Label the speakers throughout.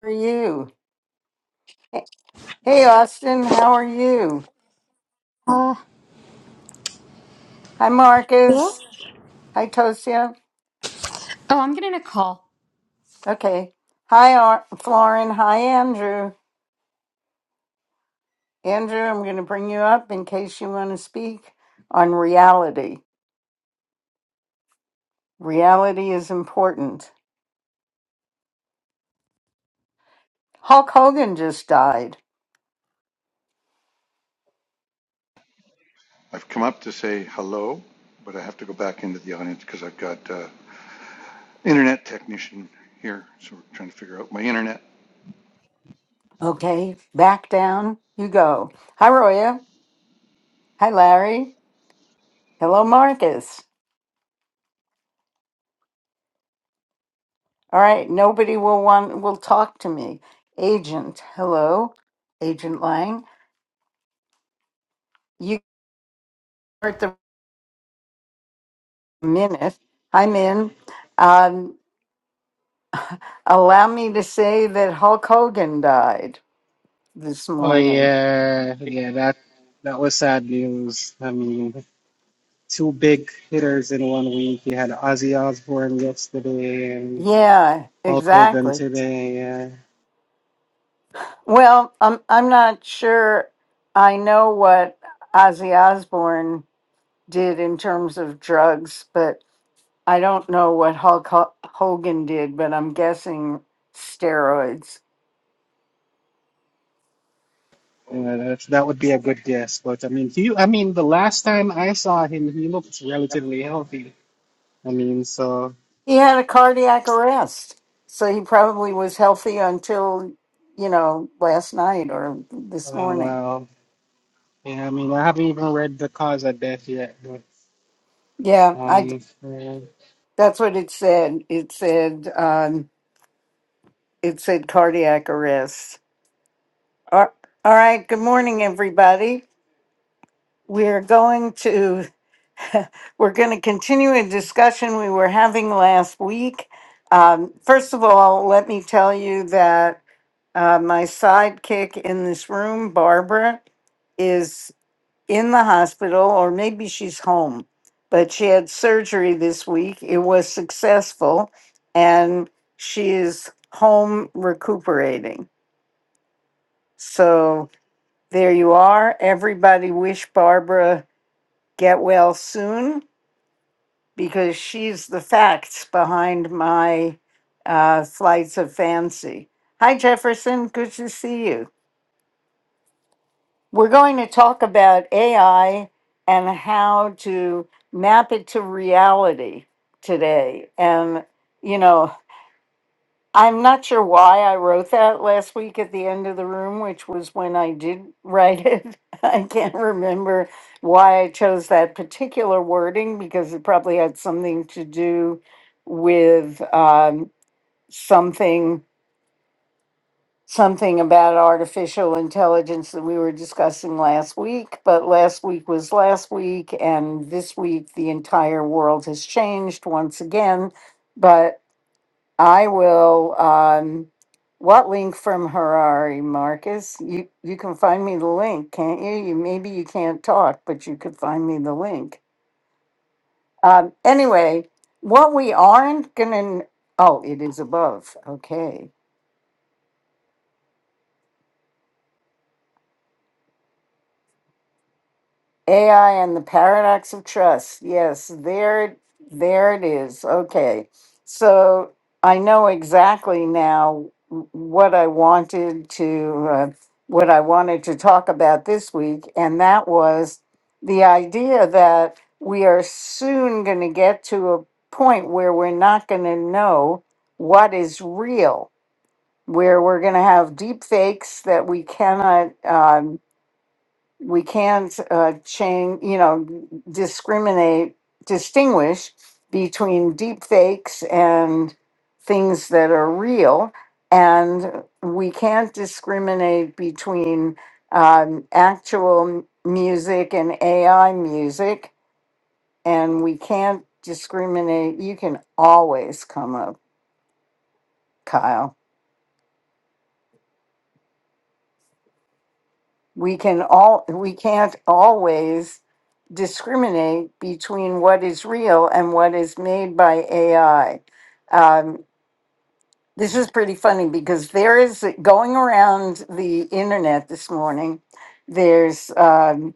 Speaker 1: How are you? Hey, hey, Austin, how are you?
Speaker 2: Uh,
Speaker 1: Hi,
Speaker 2: yeah.
Speaker 1: Marcus. Hi, Tosia.
Speaker 2: Oh, I'm getting a call.
Speaker 1: Okay. Hi, Ar- Florin. Hi, Andrew. Andrew, I'm going to bring you up in case you want to speak on reality. Reality is important. Hulk Hogan just died.
Speaker 3: I've come up to say hello, but I have to go back into the audience because I've got uh, internet technician here, so we're trying to figure out my internet.
Speaker 1: Okay, back down you go. Hi, Roya. Hi, Larry. Hello, Marcus. All right, nobody will want will talk to me. Agent, hello, Agent Lang. start the minute. I'm in. Um, allow me to say that Hulk Hogan died this
Speaker 4: Oh
Speaker 1: morning.
Speaker 4: yeah, yeah, that that was sad news. I mean, two big hitters in one week. You had Ozzy Osbourne yesterday and
Speaker 1: Yeah,
Speaker 4: Hulk Hogan
Speaker 1: exactly.
Speaker 4: today. Yeah,
Speaker 1: Well, I'm I'm not sure. I know what Ozzy Osbourne did in terms of drugs, but I don't know what Hulk Ho- Hogan did. But I'm guessing steroids.
Speaker 4: yeah that, that would be a good guess. But I mean, he, I mean, the last time I saw him, he looked relatively healthy. I mean, so
Speaker 1: He had a cardiac arrest. So he probably was healthy until, you know, last night or this
Speaker 4: uh,
Speaker 1: morning.
Speaker 4: well, yeah. I mean, I haven't even read the cause of death yet, but
Speaker 1: Yeah, I
Speaker 4: um, yeah.
Speaker 1: that's what it said. It said um it said cardiac arrest. Ar- All right, good morning everybody. We're going to we're going to continue a discussion we were having last week. Um, first of all, let me tell you that uh, my sidekick in this room, Barbara, in the hospital, or maybe she's home. But she had surgery this week. It was successful, and she is home recuperating. So there you are. Everybody wish Barbara get well soon because she's the facts behind my uh, flights of fancy. Hi, Jefferson. Good to see you. We're going to talk about AI and how to map it to reality today. And, you know, I'm not sure why I wrote that last week at the end of the room, which was when I did write it. I can't remember why I chose that particular wording because it probably had something to do with um, something something about artificial intelligence that we were discussing last week, but last week was last week, and this week the entire world has changed once again. But I will. Um, what link from Harari, Marcus? You you can find me the link, can't you? You maybe you can't talk, but you could find me the link. Um, anyway, what we aren't gonna. kn- Oh, it is above. Okay. AI and the paradox of trust. Yes, there it there it is. Okay. So I know exactly now w- what I wanted to uh, what I wanted to talk about this week and that was the idea that we are soon going to get to a point where we're not going to know what is real, where we're going to have deep fakes that we cannot uh, we can't uh, change, you know, discriminate, distinguish between deep fakes and things that are real. And we can't discriminate between um, actual m- music and AI music. And we can't discriminate. You can always come up, Kyle. we can all we can't always discriminate between what is real and what is made by AI. Um, this is pretty funny because there is going around the internet this morning. There's um,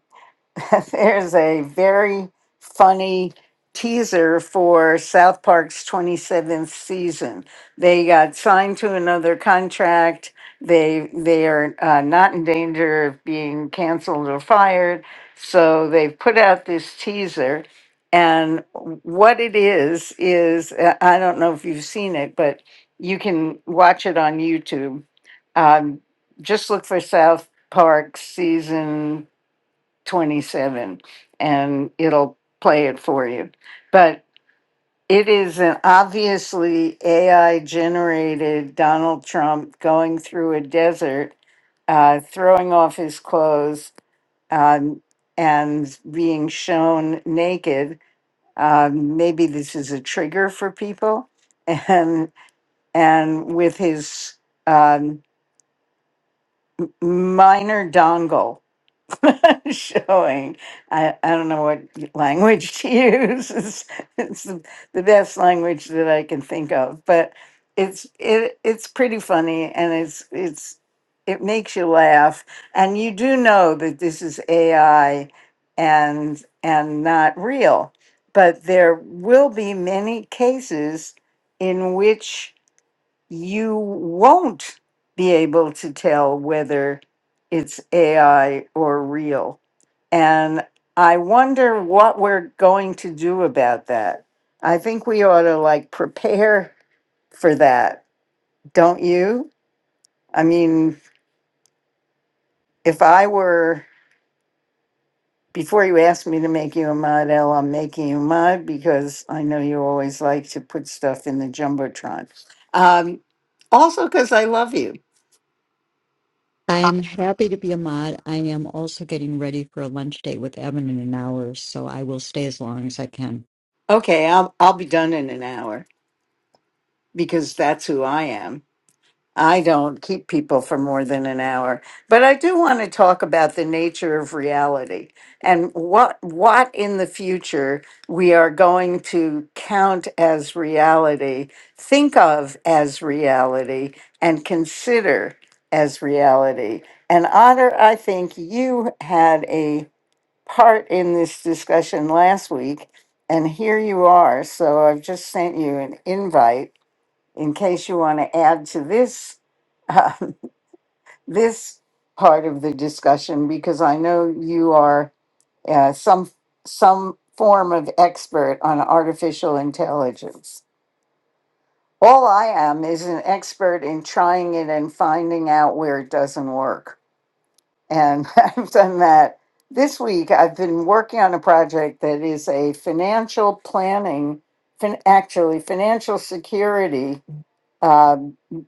Speaker 1: There's a very funny teaser for South Park's 27th season. They got signed to another contract. They they are uh, not in danger of being canceled or fired. So they've put out this teaser. And what it is, is uh, I don't know if you've seen it, but you can watch it on YouTube. Um, just look for South Park season 27 and it'll play it for you. But it is an obviously AI generated Donald Trump going through a desert, uh, throwing off his clothes um, and being shown naked. Um, maybe this is a trigger for people. And, and with his um, minor dongle showing. I, I don't know what language to use. It's, it's the, the best language that I can think of, but it's it it's pretty funny and it's it's it makes you laugh and you do know that this is AI and and not real. But there will be many cases in which you won't be able to tell whether it's AI or real. And I wonder what we're going to do about that. I think we ought to like prepare for that, don't you? I mean, if I were, before you asked me to make you a mod, El, I'm making you a mod because I know you always like to put stuff in the Jumbotron. Um, also, because I love you.
Speaker 5: I'm happy to be a mod. I am also getting ready for a lunch date with Evan in an hour, so I will stay as long as I can.
Speaker 1: Okay, I'll I'll be done in an hour because that's who I am. I don't keep people for more than an hour, but I do want to talk about the nature of reality and what what in the future we are going to count as reality, think of as reality and consider as reality. And Otter, I think you had a part in this discussion last week, and here you are. So I've just sent you an invite in case you want to add to this um, this part of the discussion because I know you are uh, some some form of expert on artificial intelligence. All I am is an expert in trying it and finding out where it doesn't work. and I've done that. This week, I've been working on a project that is a financial planning, fin- actually financial security uh,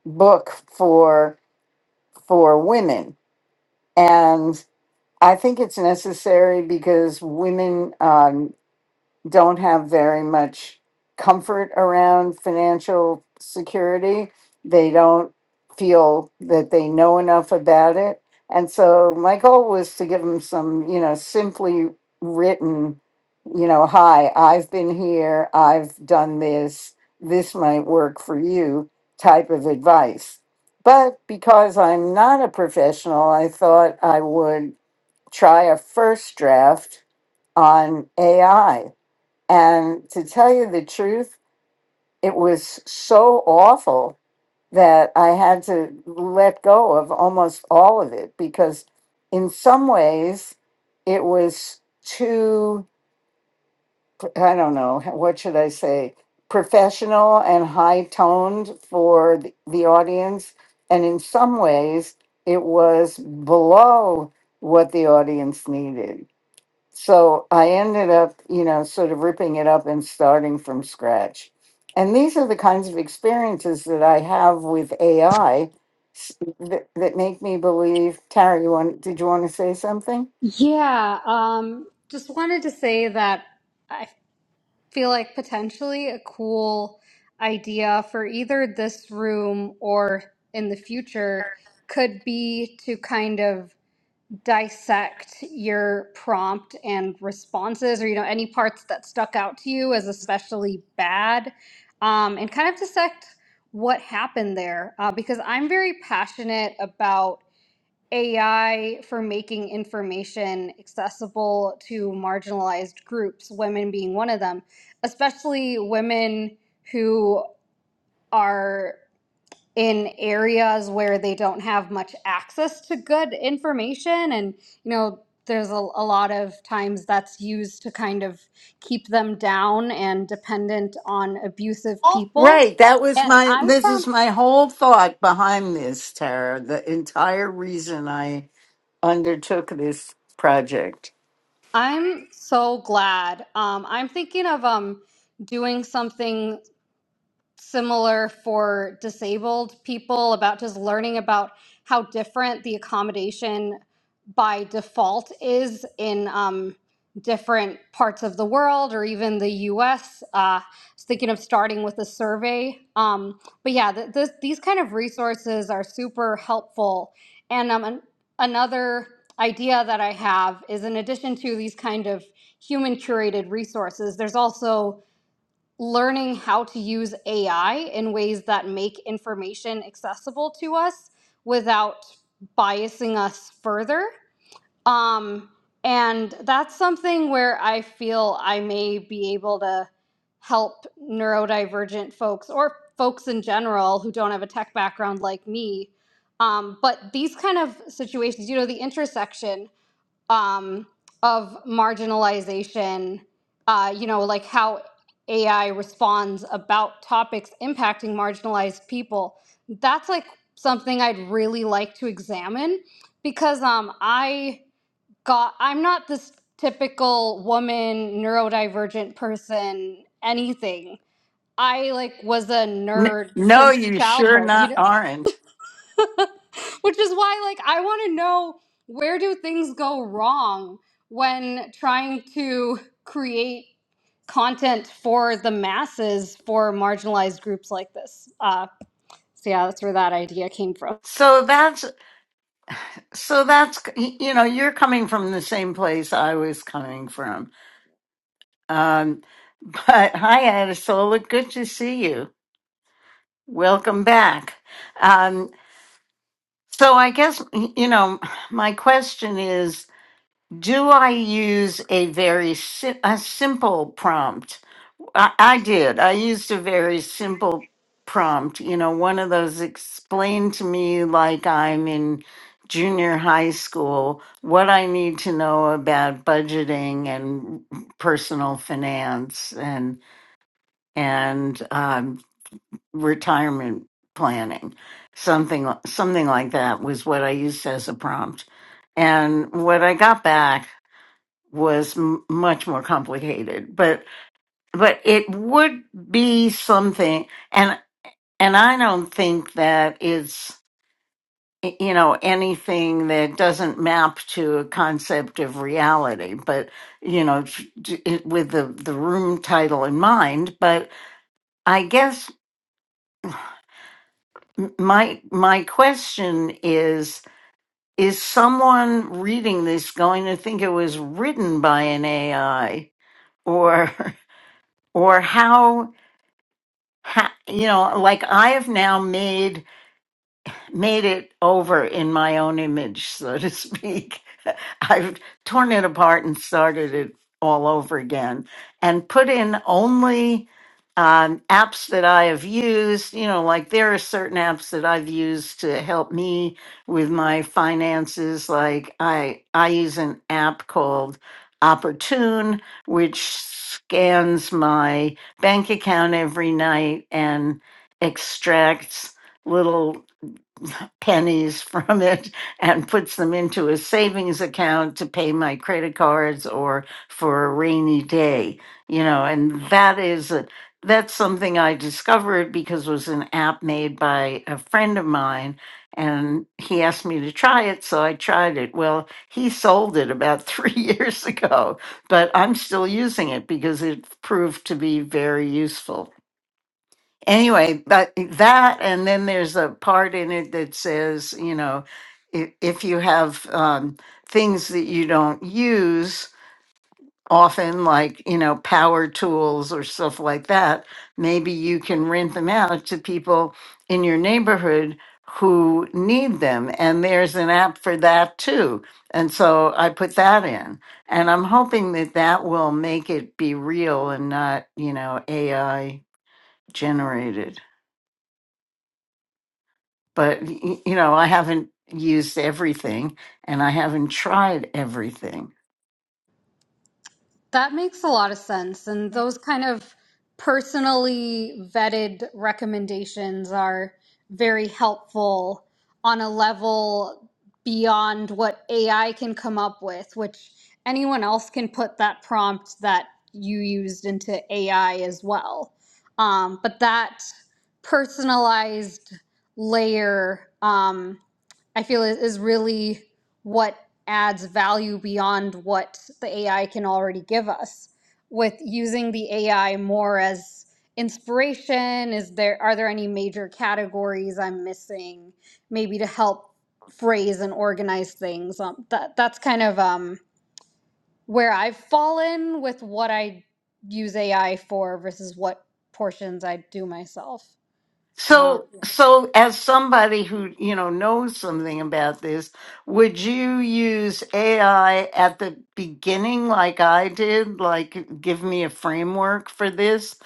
Speaker 1: book for for women, and I think it's necessary because women. um, don't have very much comfort around financial security. They don't feel that they know enough about it. And so my goal was to give them some, you know, simply written, you know, hi, I've been here, I've done this, this might work for you type of advice. But because I'm not a professional, I thought I would try a first draft on AI and to tell you the truth, it was so awful that I had to let go of almost all of it because, in some ways, it was too, I don't know, what should I say, professional and high toned for the, the audience. And in some ways, it was below what the audience needed. So I ended up, you know, sort of ripping it up and starting from scratch. And these are the kinds of experiences that I have with AI that, that make me believe. Tara, you want, did you want to say something?
Speaker 2: Yeah. Um, just wanted to say that I feel like potentially a cool idea for either this room or in the future could be to kind of dissect your prompt and responses or you know any parts that stuck out to you as especially bad um, and kind of dissect what happened there uh, because i'm very passionate about AI for making information accessible to marginalized groups, women being one of them, especially women who are in areas where they don't have much access to good information. And, you know, there's a, a lot of times that's used to kind of keep them down and dependent on abusive people.
Speaker 1: Right. That was
Speaker 2: And
Speaker 1: my,
Speaker 2: I
Speaker 1: this is
Speaker 2: found
Speaker 1: my whole thought behind this, Tara. The entire reason I undertook this project.
Speaker 2: I'm so glad. Um, I'm thinking of um doing something similar for disabled people about just learning about how different the accommodation by default is in um, different parts of the world or even the US. Uh, I was thinking of starting with a survey. Um, but yeah, th- this, these kind of resources are super helpful. And um, an- another idea that I have is in addition to these kind of human curated resources, there's also learning how to use AI in ways that make information accessible to us without biasing us further. Um, and that's something where I feel I may be able to help neurodivergent folks or folks in general who don't have a tech background like me. Um, but these kind of situations, you know, the intersection um, of marginalization, uh, you know, like how AI responds about topics impacting marginalized people. That's like something I'd really like to examine because um, I got, I'm not this typical woman, neurodivergent person, anything. I like was a
Speaker 1: N-
Speaker 2: nerd
Speaker 1: no,
Speaker 2: since
Speaker 1: you sure
Speaker 2: childhood, you
Speaker 1: not
Speaker 2: know.
Speaker 1: aren't.
Speaker 2: Which is why, like, I want to know where do things go wrong when trying to create content for the masses for marginalized groups like this. Uh, so yeah, that's where that idea came from.
Speaker 1: So that's So that's, you know, you're coming from the same place I was coming from. Um, but hi, Adisola. Good to see you. Welcome back. Um, so I guess, you know, my question is, do I use a very si- a simple prompt I, I did. I used a very simple prompt, you know, one of those explain to me like I'm in junior high school what I need to know about budgeting and personal finance and and um, retirement planning. Something li- something like that was what I used as a prompt. And what I got back was m- much more complicated. but but it would be something and and i don't think that is y- you know anything that doesn't map to a concept of reality but you know t- t- it, with the the room title in mind but i guess m- my my question is is someone reading this going to think it was written by an ai or or how, how you know like i have now made made it over in my own image, so to speak. I've torn it apart and started it all over again and put in only um, apps that I have used. You know, like there are certain apps that I've used to help me with my finances. Like I, I use an app called Opportune, which scans my bank account every night and extracts little pennies from it and puts them into a savings account to pay my credit cards or for a rainy day you know and that is a, that's something i discovered because it was an app made by a friend of mine and he asked me to try it so i tried it well he sold it about three years ago but i'm still using it because it proved to be very useful anyway, but that, and then there's a part in it that says, you know, if, if you have um, things that you don't use often, like, you know, power tools or stuff like that, maybe you can rent them out to people in your neighborhood who need them. And there's an app for that too. And so I put that in. And I'm hoping that that will make it be real and not, you know, AI generated. but y- you know i haven't used everything and i haven't tried everything
Speaker 2: That makes a lot of sense. And those kind of personally vetted recommendations are very helpful on a level beyond what AI can come up with, which anyone else can put that prompt that you used into AI as well. Um, but that personalized layer. Um, I feel is, is really what adds value beyond what the AI can already give us with using the AI more as inspiration is there are there any major categories I'm missing maybe to help phrase and organize things um, that that's kind of um, where I've fallen with what I use AI for versus what portions I do myself um,
Speaker 1: so so as somebody who you know knows something about this would you use ai at the beginning like i did like give me a framework for this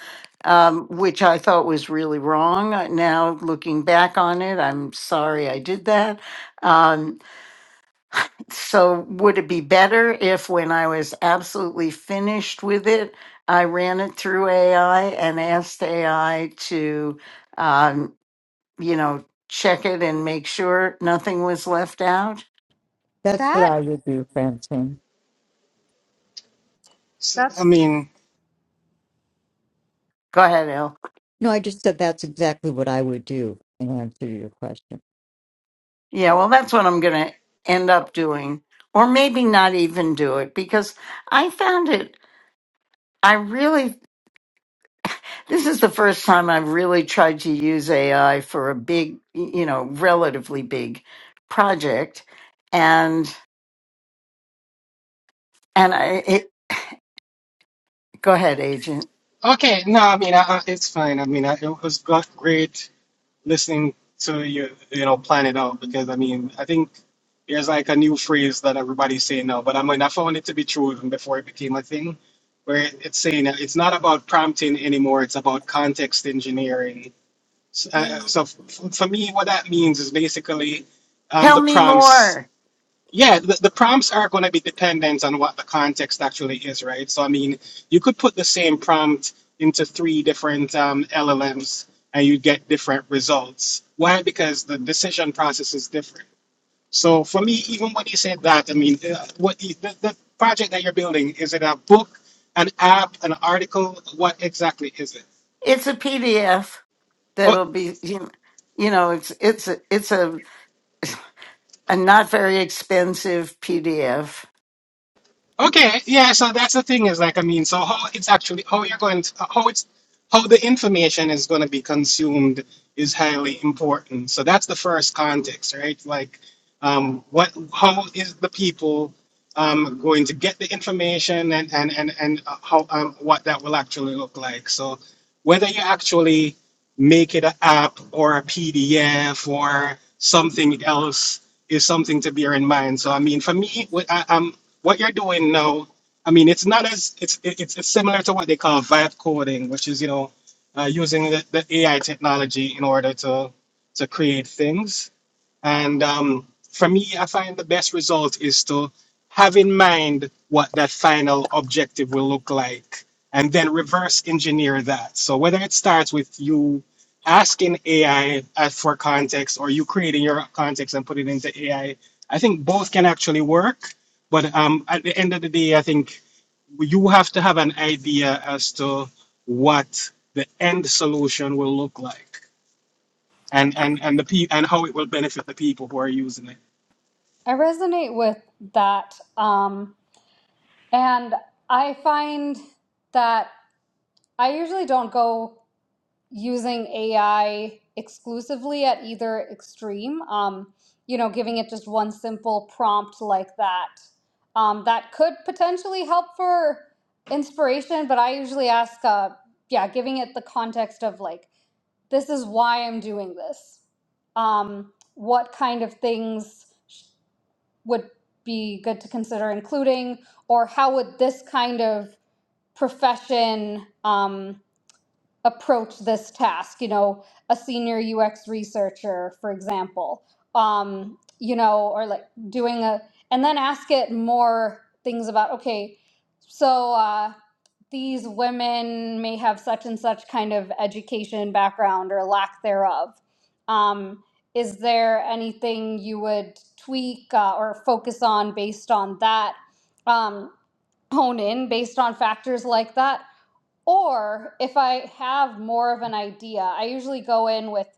Speaker 1: um, which i thought was really wrong Uh, now looking back on it i'm sorry i did that Um, So would it be better if when I was absolutely finished with it, I ran it through AI and asked AI to, um, you know, check it and make sure nothing was left out?
Speaker 5: That's what
Speaker 2: that
Speaker 5: I would do, Francine.
Speaker 4: So, I
Speaker 2: that's
Speaker 4: mean,
Speaker 1: Go ahead, El.
Speaker 5: No, I just said that's exactly what I would do in answer to your question.
Speaker 1: Yeah, well, that's what I'm going to end up doing. Or maybe not even do it because I found it. I really This is the first time I've really tried to use AI for a big, you know, relatively big project. And and I it, go ahead, agent.
Speaker 4: okay, no, I mean, I, I- it's fine. I mean, I, it was got great. listening to you, you know, plan it out because I mean, I think there's like a new phrase that everybody's saying now, but I mean, I found it to be true even before it became a thing, where it's saying that it's not about prompting anymore, it's about context engineering. So, uh, so f- for me, what that means is basically um,
Speaker 1: Tell
Speaker 4: the
Speaker 1: me
Speaker 4: prompts.
Speaker 1: more.
Speaker 4: Yeah, the, the prompts are going to be dependent on what the context actually is, right? So, I mean, you could put the same prompt into three different um, LLMs and you get different results. Why? Because the decision process is different. So, for me, even when you said that, I mean, uh, what the, the, the project that you're building is it a book, an app, an article? What exactly is
Speaker 1: It's a PDF
Speaker 4: it?
Speaker 1: that'll be you you know, it's it's a, it's a a not very expensive PDF
Speaker 4: Okay, yeah, so that's the thing is like I mean, so how it's actually how you're going to how it's how the information is going to be consumed is highly important. So that's the first context, right? Like um what how is the people um going to get the information and and and and uh, how um, what that will actually look like. So whether you actually make it an app or a PDF or something else is something to bear in mind. So I mean, for me, what I, I'm what you're doing know, I mean, it's not as it's it- it's, it's similar to what they call vibe coding, which is you know, uh, using the, the AI technology in order to to create things. And um, for me, I find the best result is to have in mind what that final objective will look like and then reverse engineer that. So whether it starts with you asking AI as for context or you creating your context and put it into AI, I I think both can actually work. But um, at the end of the day, I think you have to have an idea as to what the end solution will look like and, and, and the pe- and how it will benefit the people who are using it.
Speaker 2: I resonate with that. Um, and I find that I usually don't go using AI exclusively at either extreme. Um, you know, giving it just one simple prompt like that. Um, that could potentially help for inspiration, but I usually ask, uh, yeah, giving it the context of like, this is why I'm doing this. Um, what kind of things? would be good to consider including, or how would this kind of profession um, approach this task? You know, a senior UX researcher, for example, um, you know, or like doing a, and then ask it more things about, okay, so. Uh, these women may have such and such kind of education background or lack thereof. Um, is there anything you would tweak uh, or focus on based on that? Um, hone in based on factors like that? Or if I have more of an idea, I usually go in with,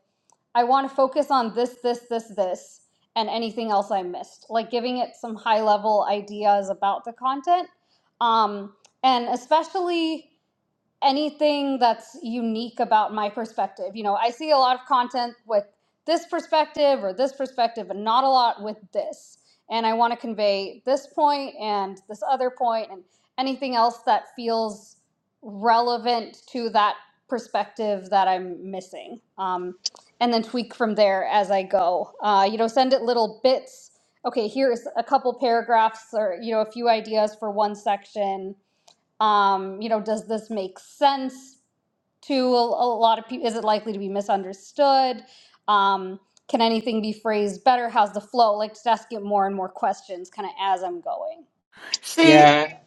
Speaker 2: I want to focus on this, this, this, this, and anything else I missed, like giving it some high level ideas about the content. Um, and especially anything that's unique about my perspective. You know, I see a lot of content with this perspective or this perspective, but not a lot with this. And I want to convey this point and this other point and anything else that feels relevant to that perspective that I'm missing. Um, and then tweak from there as I go. Uh, you know, send it little bits. Okay, here's a couple paragraphs or, you know, a few ideas for one section um, you know, does this make sense to a, a lot of people? Is it likely to be misunderstood? Um, can anything be phrased better? How's the flow? Like, just asking more and more questions kind of as I'm going.
Speaker 1: See,
Speaker 4: Yeah.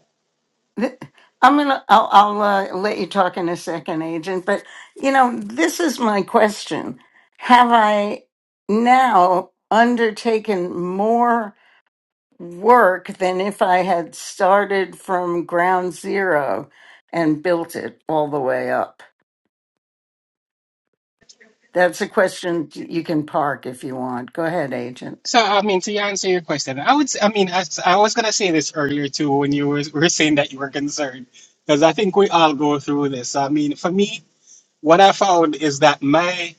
Speaker 1: th- I'm gonna. I'll, I'll uh, let you talk in a second, Agent. But you know, this is my question: Have I now undertaken more work than if I had started from ground zero and built it all the way up? That's a question you can park if you want. Go ahead, agent.
Speaker 4: So I mean, to answer your question, I would. s- I mean, as I was gonna say this earlier too, when you were, were saying that you were concerned, because I think we all go through this. I mean, for me, what I found is that my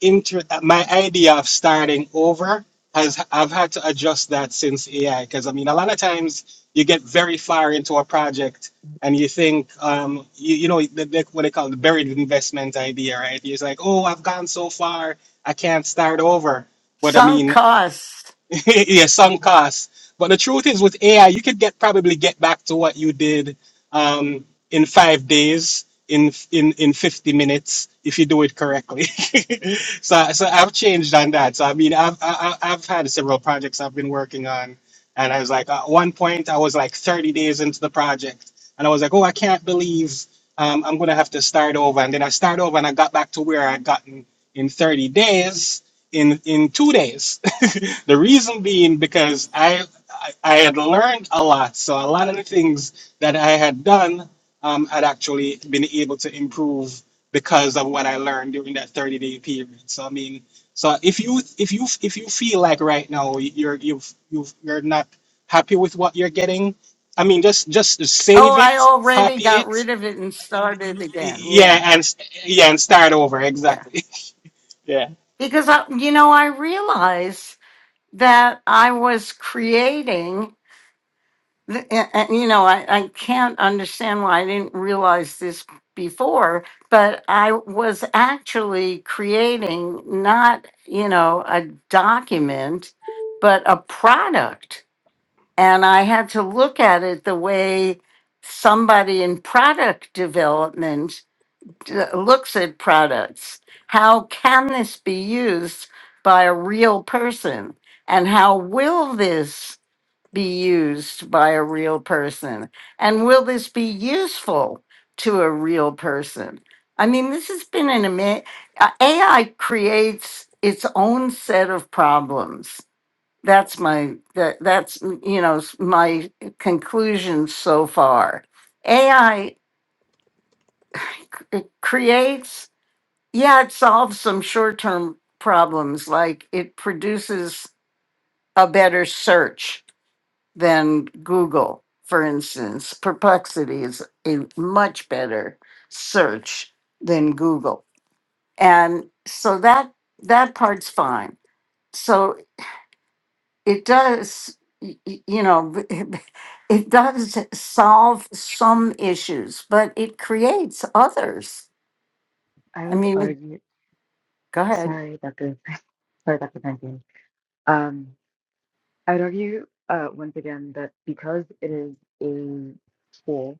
Speaker 4: inter, my idea of starting over has I've had to adjust that since AI. Because I mean, a lot of times you get very far into a project and you think, um, you, you know, the, the, what they call the buried investment idea, right? You're just like, oh, I've gone so far, I can't start over. But I
Speaker 1: Sunk
Speaker 4: mean,
Speaker 1: costs.
Speaker 4: yeah, some costs. But the truth is, with AI, you could get probably get back to what you did um, in five days, in in in fifty minutes, if you do it correctly. so so I've changed on that. So I mean, I've I, I- I've had several projects I've been working on, and I was like, at one point, I was like thirty days into the project, and I was like, oh, I can't believe. Um, I'm gonna have to start over, and then I start over, and I got back to where I'd gotten in 30 days, in in two days. the reason being because I, I I had learned a lot, so a lot of the things that I had done, um, had actually been able to improve because of what I learned during that thirty day period. So I mean, so if you if you if you feel like right now you're you've you've you're not happy with what you're getting, I mean, just just save
Speaker 1: Oh, I
Speaker 4: it,
Speaker 1: already
Speaker 4: copy
Speaker 1: got
Speaker 4: it,
Speaker 1: rid of it and started
Speaker 4: y-
Speaker 1: again.
Speaker 4: yeah,
Speaker 1: Yeah,
Speaker 4: and s- yeah, and start over
Speaker 1: yeah.
Speaker 4: exactly. Yeah.
Speaker 1: Because I, you know, I realized that I was creating. the- a- And you know, I, I can't understand why I didn't realize this before, but I was actually creating not, you know, a document, but a product And I had to look at it the way somebody in product development d- looks at products. How can this be used by a real person? And how will this be used by a real person? And will this be useful to a real person? I mean, this has been an amazing AI creates its own set of problems that's my that that's you know s- my conclusion so far ai creates yeah it solves some short-term problems like it produces a better search than google for instance perplexity is a much better search than google and so that that part's fine So. it does y- y- you know it does solve some issues but it creates others
Speaker 6: I
Speaker 1: i
Speaker 6: would
Speaker 1: mean
Speaker 6: argue,
Speaker 1: go ahead
Speaker 6: sorry, Dr. Sorry, Dr. Pankin. Um, I would argue uh, once again that because it is a tool,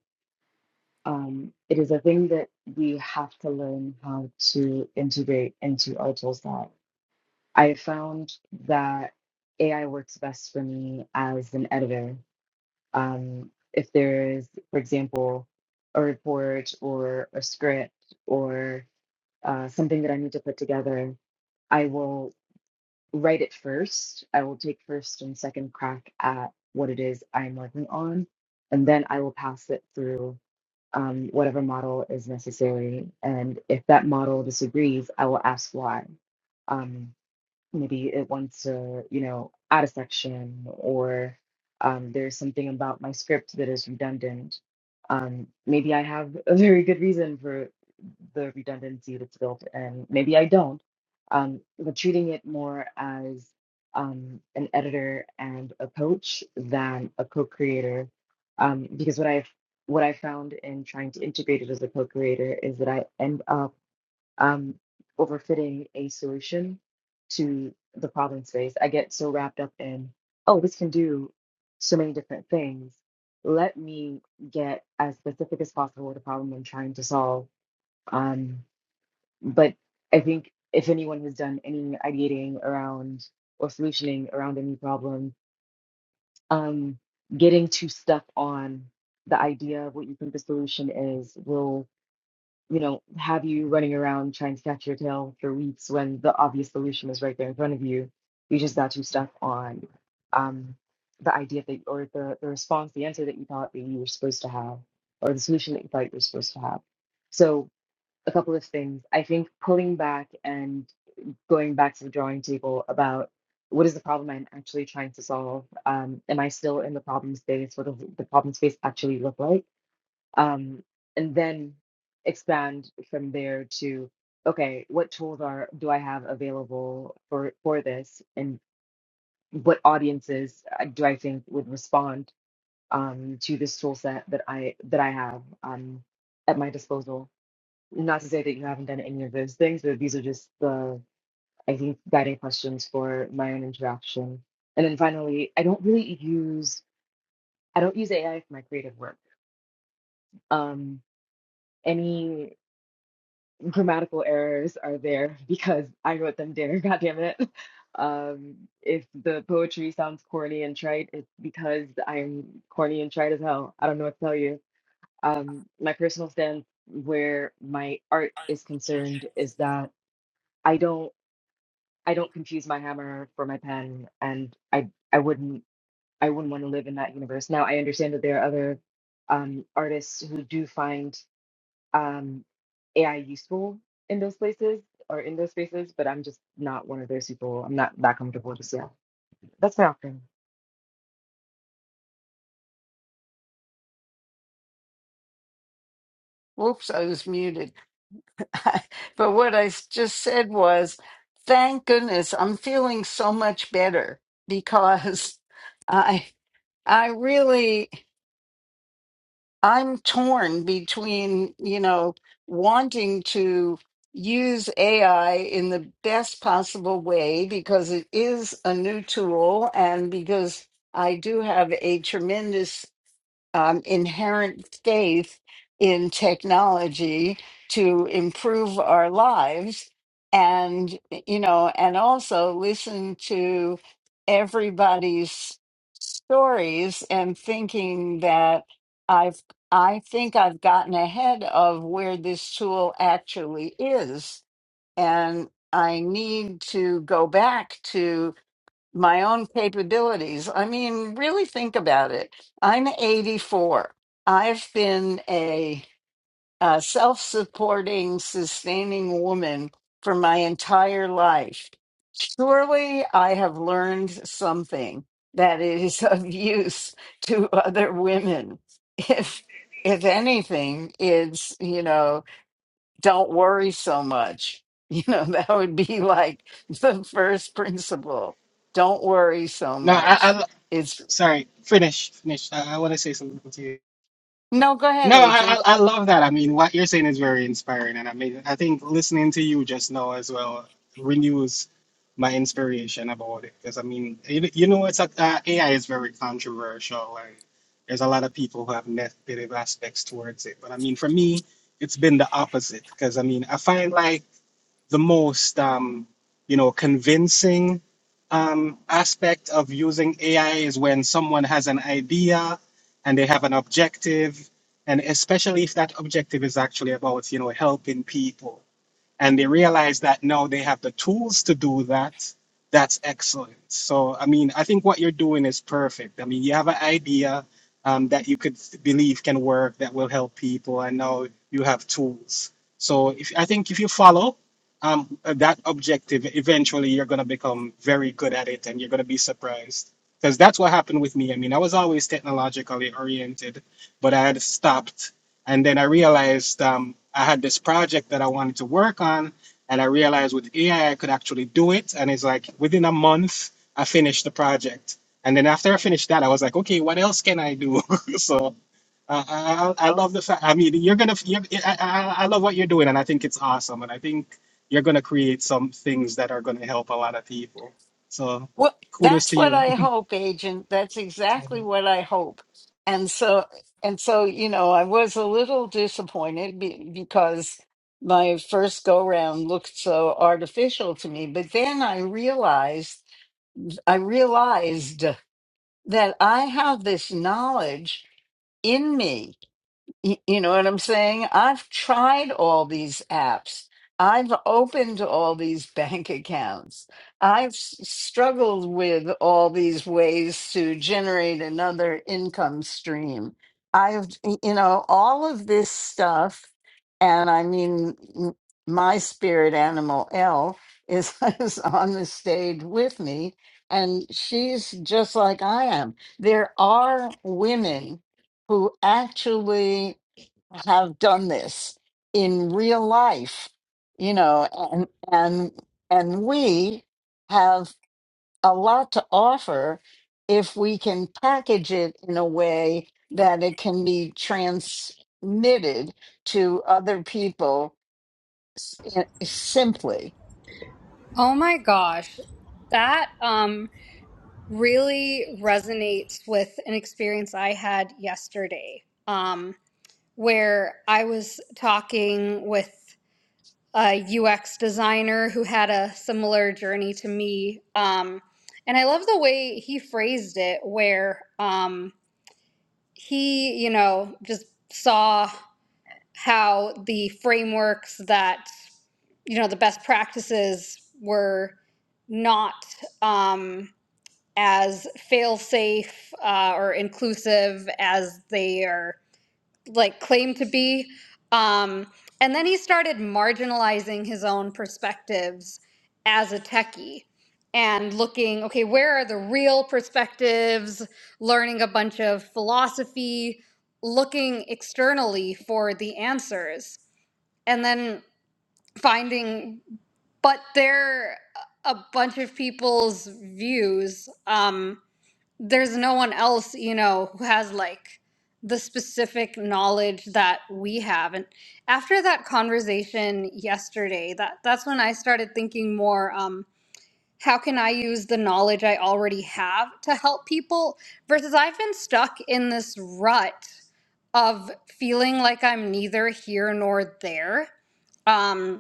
Speaker 6: um, it is a thing that we have to learn how to integrate into our tool set. I found that AI works best for me as an editor. Um, if there is, for example, a report or a script or uh, something that I need to put together, I will write it first. I will take first and second crack at what it is I'm working on, and then I will pass it through um, whatever model is necessary. And if that model disagrees, I will ask why. Um, maybe it wants to, you know, add a section or um, there's something about my script that is redundant. Um, maybe I have a very good reason for the redundancy that's built and Maybe I don't. Um, but treating it more as um, an editor and a coach than a co-creator, um, because what I've what I found in trying to integrate it as a co-creator is that I end up um, overfitting a solution to the problem space. I get so wrapped up in, oh, this can do so many different things. Let me get as specific as possible with the problem I'm trying to solve. Um, but I think if anyone has done any ideating around or solutioning around any problem, um, getting too stuck on the idea of what you think the solution is will you know, have you running around trying to catch your tail for weeks when the obvious solution is right there in front of you. You just got too stuck on um, the idea that, or the, the response, the answer that you thought that you were supposed to have, or the solution that you thought you were supposed to have. So, a couple of things. I think pulling back and going back to the drawing table about what is the problem I'm actually trying to solve? Um, am I still in the problem space? What does the problem space actually look like? um, and then expand from there to okay what tools are do i have available for for this and what audiences uh, do i think would respond um, to this tool set that i that i have um, at my disposal not to say that you haven't done any of those things but these are just the i think guiding questions for my own interaction and then finally i don't really use i don't use ai for my creative work um, any grammatical errors are there because I wrote them there, god damn it. Um, if the poetry sounds corny and trite, it's because I'm corny and trite as hell. I don't know what to tell you. Um, my personal stance where my art is concerned is that I don't I don't confuse my hammer for my pen and I I wouldn't I wouldn't want to live in that universe. Now I understand that there are other um, artists who do find um, AI useful in those places or in those spaces, but I'm just not one of those people. I'm not that comfortable just yet. That's my option.
Speaker 1: Whoops, I was muted. but what I s- just said was, thank goodness I'm feeling so much better because I I really I'm torn between, you know, wanting to use AI in the best possible way because it is a new tool and because I do have a tremendous um, inherent faith in technology to improve our lives and you know and also listen to everybody's stories and thinking that i've i think i've gotten ahead of where this tool actually is and i need to go back to my own capabilities. I mean, really think about it. I'm 84. I've been a, uh self supporting, sustaining woman for my entire life. Surely I have learned something that is of use to other women. If if anything, it's you know don't worry so much. You know, that would be like the first principle. Don't worry so
Speaker 4: No, I
Speaker 1: much. It's
Speaker 4: Sorry, finish, finish. I, I want to say something to you.
Speaker 1: no, go ahead,
Speaker 4: No, I, I
Speaker 1: agent.
Speaker 4: I love that. I mean, what you're saying is very inspiring, and I mean, I think listening to you just now as well renews my inspiration about it. Because I mean, you, you know, it's a, uh, AI is very controversial, and there's a lot of people who have negative aspects towards it. But I mean, for me, it's been the opposite. Because I mean, I find like the most um, you know convincing um, aspect of using AI is when someone has an idea and they have an objective, and especially if that objective is actually about you know helping people and they realize that now they have the tools to do that, that's excellent. So, I mean, I think what you're doing is perfect. I mean, you have an idea um, that you could believe can work that will help people, and now you have tools. So, if I think if you follow um, that objective, eventually you're going to become very good at it, and you're going to be surprised. Because that's what happened with me. I mean, I was always technologically oriented, but I had stopped and then I realized um, I had this project that I wanted to work on, and I realized with AI I I could actually do it. And it's like within a month I finished the project. And then after I finished that, I was like, okay, what else can I do? so uh, I, I I love the fact. I mean, you're gonna. You're, I, I I love what you're doing, and I think it's awesome. And I think you're gonna create some things that are gonna help a lot of people. So
Speaker 1: Well,
Speaker 4: kudos
Speaker 1: that's
Speaker 4: to
Speaker 1: what
Speaker 4: you.
Speaker 1: I hope, agent. That's exactly what I hope. And so, and so, you know, I was a little disappointed be, because my first go round looked so artificial to me. But then I realized, I realized that I have this knowledge in me You, you know what I'm saying? I've tried all these apps. I've opened all these bank accounts. I've s- struggled with all these ways to generate another income stream. I've, y- you know, all of this stuff. And I mean, m- my spirit animal, Elle, is, is on the stage with me. And she's just like I am. There are women who actually have done this in real life you know and and and we have a lot to offer if we can package it in a way that it can be transmitted to other people s- i- simply
Speaker 2: Oh my gosh, that um, really resonates with an experience I had yesterday, um, where I was talking with a UX designer who had a similar journey to me. Um, and I love the way he phrased it, where um, he, you know, just saw how the frameworks that, you know, the best practices were not um, as fail safe uh, or inclusive as they are like claim to be um and then he started marginalizing his own perspectives as a techie and looking okay where are the real perspectives learning a bunch of philosophy looking externally for the answers and then finding but they're a bunch of people's views um there's no one else you know who has like the specific knowledge that we have and after that conversation yesterday that that's when i started thinking more um how can i use the knowledge i already have to help people versus i've been stuck in this rut of feeling like i'm neither here nor there Um,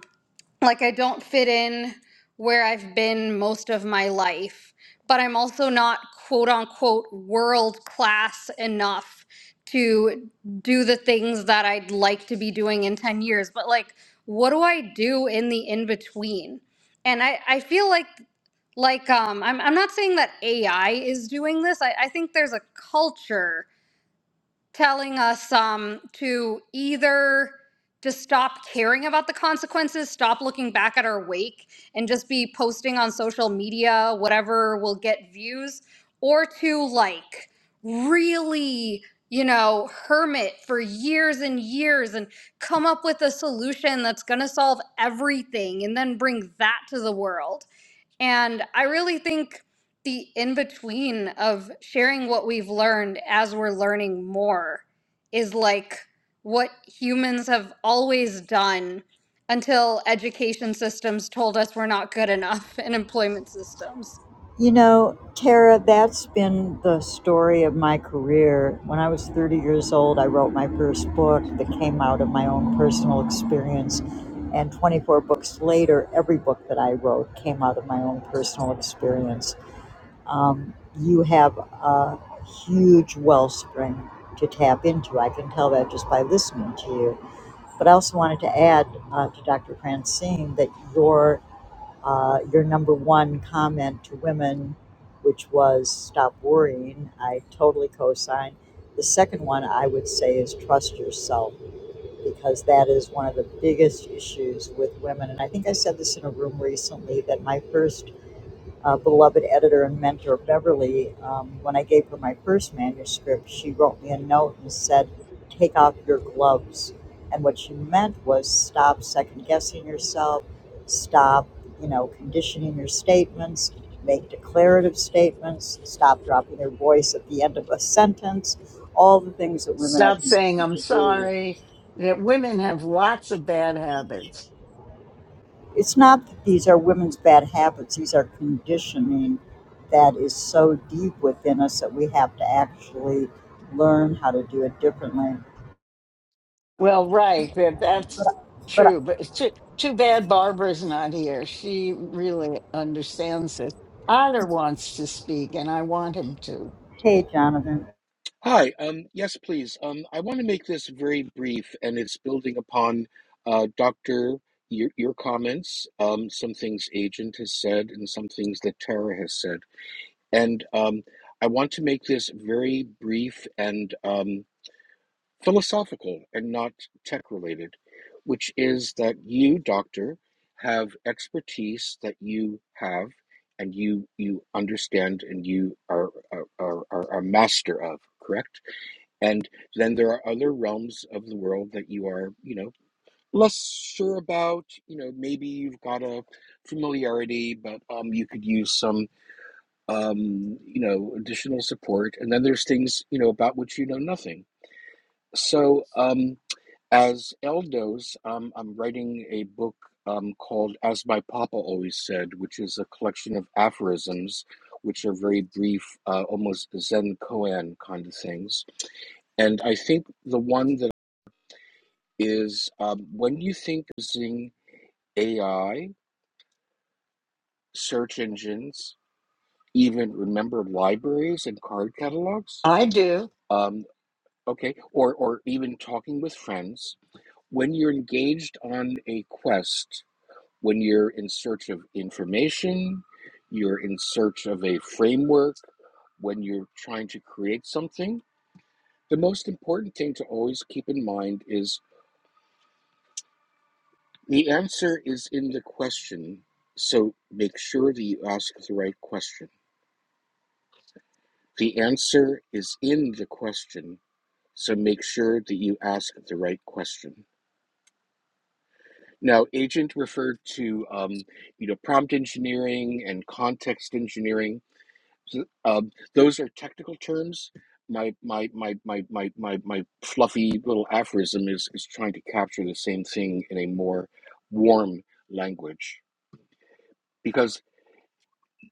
Speaker 2: like I don't fit in where I've been most of my life, but I'm also not quote unquote world class enough to do the things that I'd like to be doing in 10 years. But like, what do I do in the in between? And I, I feel like like um, I'm, I'm not saying that AI is doing this. I, I think there's a culture telling us um, to either just stop caring about the consequences, stop looking back at our wake, and just be posting on social media whatever will get views, or to like really, you know, hermit for years and years and come up with a solution that's going to solve everything and then bring that to the world. And I really think the in between of sharing what we've learned as we're learning more is like what humans have always done until education systems told us we're not good enough and employment systems.
Speaker 5: You know, Tara, that's been the story of my career. When I was 30 years old, I wrote my first book that came out of my own personal experience. And 24 books later, every book that I wrote came out of my own personal experience. um, you have a huge wellspring to tap into. I can tell that just by listening to you. But I also wanted to add uh, to Dr. Francine that your uh, your number one comment to women, which was "Stop worrying," I totally co-sign. The second one I would say is trust yourself because that is one of the biggest issues with women. And I think I said this in a room recently that my first uh, beloved editor and mentor, Beverly, um, when I gave her my first manuscript, she wrote me a note and said, Take off your gloves. And what she meant was stop second guessing yourself, stop, you know, conditioning your statements, make declarative statements, stop dropping your voice at the end of a sentence, all the things that women are
Speaker 1: stop saying
Speaker 5: conditioned
Speaker 1: i'm
Speaker 5: to do
Speaker 1: sorry that women have lots of bad habits
Speaker 5: It's not that these are women's bad habits, these are conditioning that is so deep within us that we have to actually learn how to do it differently.
Speaker 1: Well, right. That
Speaker 5: But,
Speaker 1: that's
Speaker 5: but
Speaker 1: true. But it's too, too bad Barbara's not here. She really understands it. Otter wants to speak, and I want him to.
Speaker 5: hey, Jonathan.
Speaker 7: Hi. Um, yes, please. Um, I want to make this very brief, and it's building upon uh, Doctor your, your comments, um, some things Agent has said, and some things that Tara has said. And um, I want to make this very brief and um, philosophical, and not tech related, which is that you, Doctor, have expertise that you have, and you you understand, and you are are, are, are a master of. Correct and then there are other realms of the world that you are, you know, less sure about. You know, maybe you've got a familiarity, but um, you could use some, um, you know, additional support. And then there's things, you know, about which you know nothing. So um, as Eldos, um, I'm writing a book um, called As My Papa Always Said, which is a collection of aphorisms, which are very brief, uh, almost Zen koan kind of things. And I think the one that is um, when you think using AI, search engines, even remember libraries and card catalogs,
Speaker 1: I do.
Speaker 7: um, okay, or, or even talking with friends, when you're engaged on a quest, when you're in search of information, you're in search of a framework, when you're trying to create something, the most important thing to always keep in mind is The answer is in the question, so make sure that you ask the right question. The answer is in the question, so make sure that you ask the right question. Now, agent referred to um, you know prompt engineering and context engineering. So, Um, those are technical terms. My my my my my my my fluffy little aphorism is is trying to capture the same thing in a more warm language because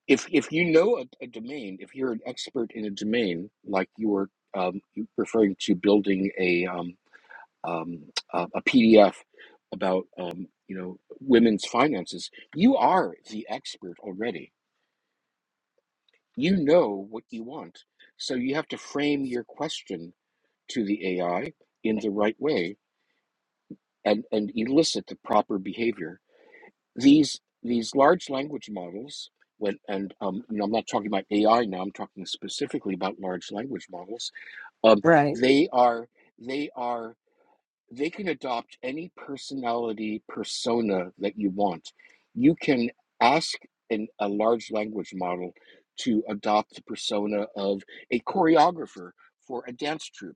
Speaker 7: if if you know a, a domain, if you're an expert in a domain, like you were um, referring to building a um, um, a PDF about um, you know women's finances, you are the expert already. You know what you want, so you have to frame your question to the AI in the right way and and elicit the proper behavior these these large language models when and um, you know, I'm not talking about AI now. I'm talking specifically about large language models. Um,
Speaker 1: Right.
Speaker 7: they are they are they can adopt any personality persona that you want. You can ask an, a large language model to adopt the persona of a choreographer for a dance troupe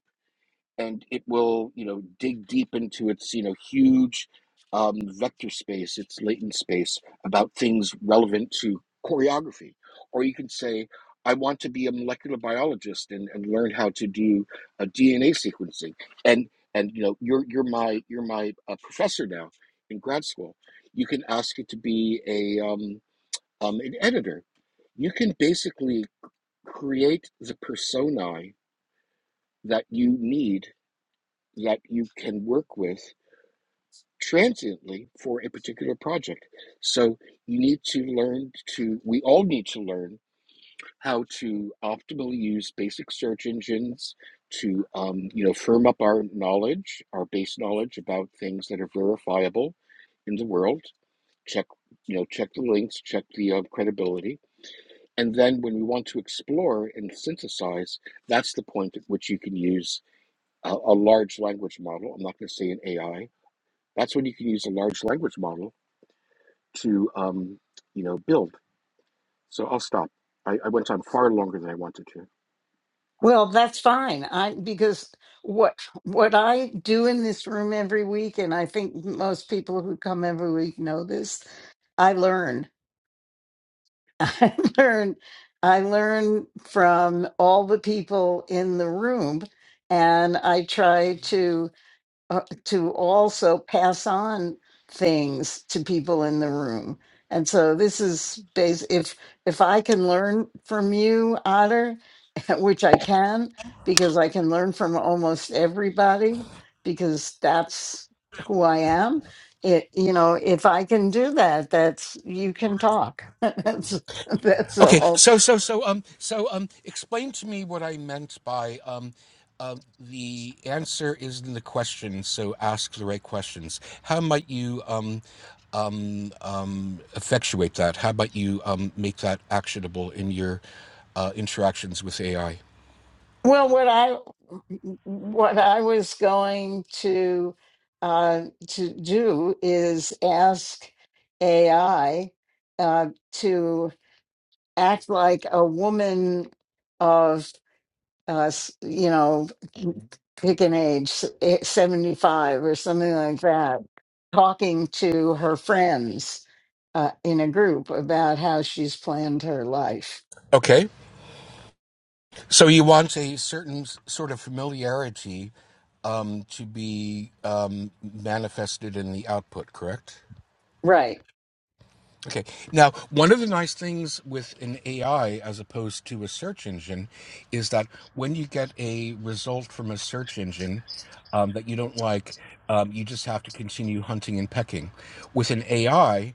Speaker 7: and it will you know dig deep into its you know huge um, vector space its latent space about things relevant to choreography or you can say i want to be a molecular biologist and, and learn how to do a dna sequencing and and you know you're you're my you're my uh, professor now in grad school you can ask it to be a um, um, an editor you can basically create the personae that you need that you can work with transiently for a particular project. So you need to learn to, we all need to learn how to optimally use basic search engines to, um, you know, firm up our knowledge, our base knowledge about things that are verifiable in the world. Check, you know, check the links, check the uh, credibility. And then when we want to explore and synthesize, that's the point at which you can use a, a large language model. I'm not going to say an AI, That's when you can use a large language model to, um, you know, build. So I'll stop. I, I went on far longer than I wanted to.
Speaker 1: Well, that's fine. I because what what I do in this room every week, and I think most people who come every week know this. I learn. I learn. I learn from all the people in the room, and I try to. uh, to also pass on things to people in the room. And so this is bas- if if I can learn from you, Otter, which I can because I can learn from almost everybody because that's who I am. It you know if I can do that, that's you can talk. that's that's
Speaker 7: Okay,
Speaker 1: all.
Speaker 7: so so so um so um explain to me what I meant by um uh, the answer is in the question, so ask the right questions. How might you um um um effectuate that? How might you um make that actionable in your uh, interactions with AI?
Speaker 1: Well, what I what I was going to uh, to do is ask AI uh, to act like a woman of uh, s- you know pick an age seventy five or something like that, talking to her friends uh, in a group about how she's planned her life.
Speaker 7: Okay. So you want a certain s- sort of familiarity um, to be um, manifested in the output, correct?
Speaker 1: Right.
Speaker 7: Okay. Now, one of the nice things with an AI as opposed to a search engine is that when you get a result from a search engine um, that you don't like, um, you just have to continue hunting and pecking. With an AI,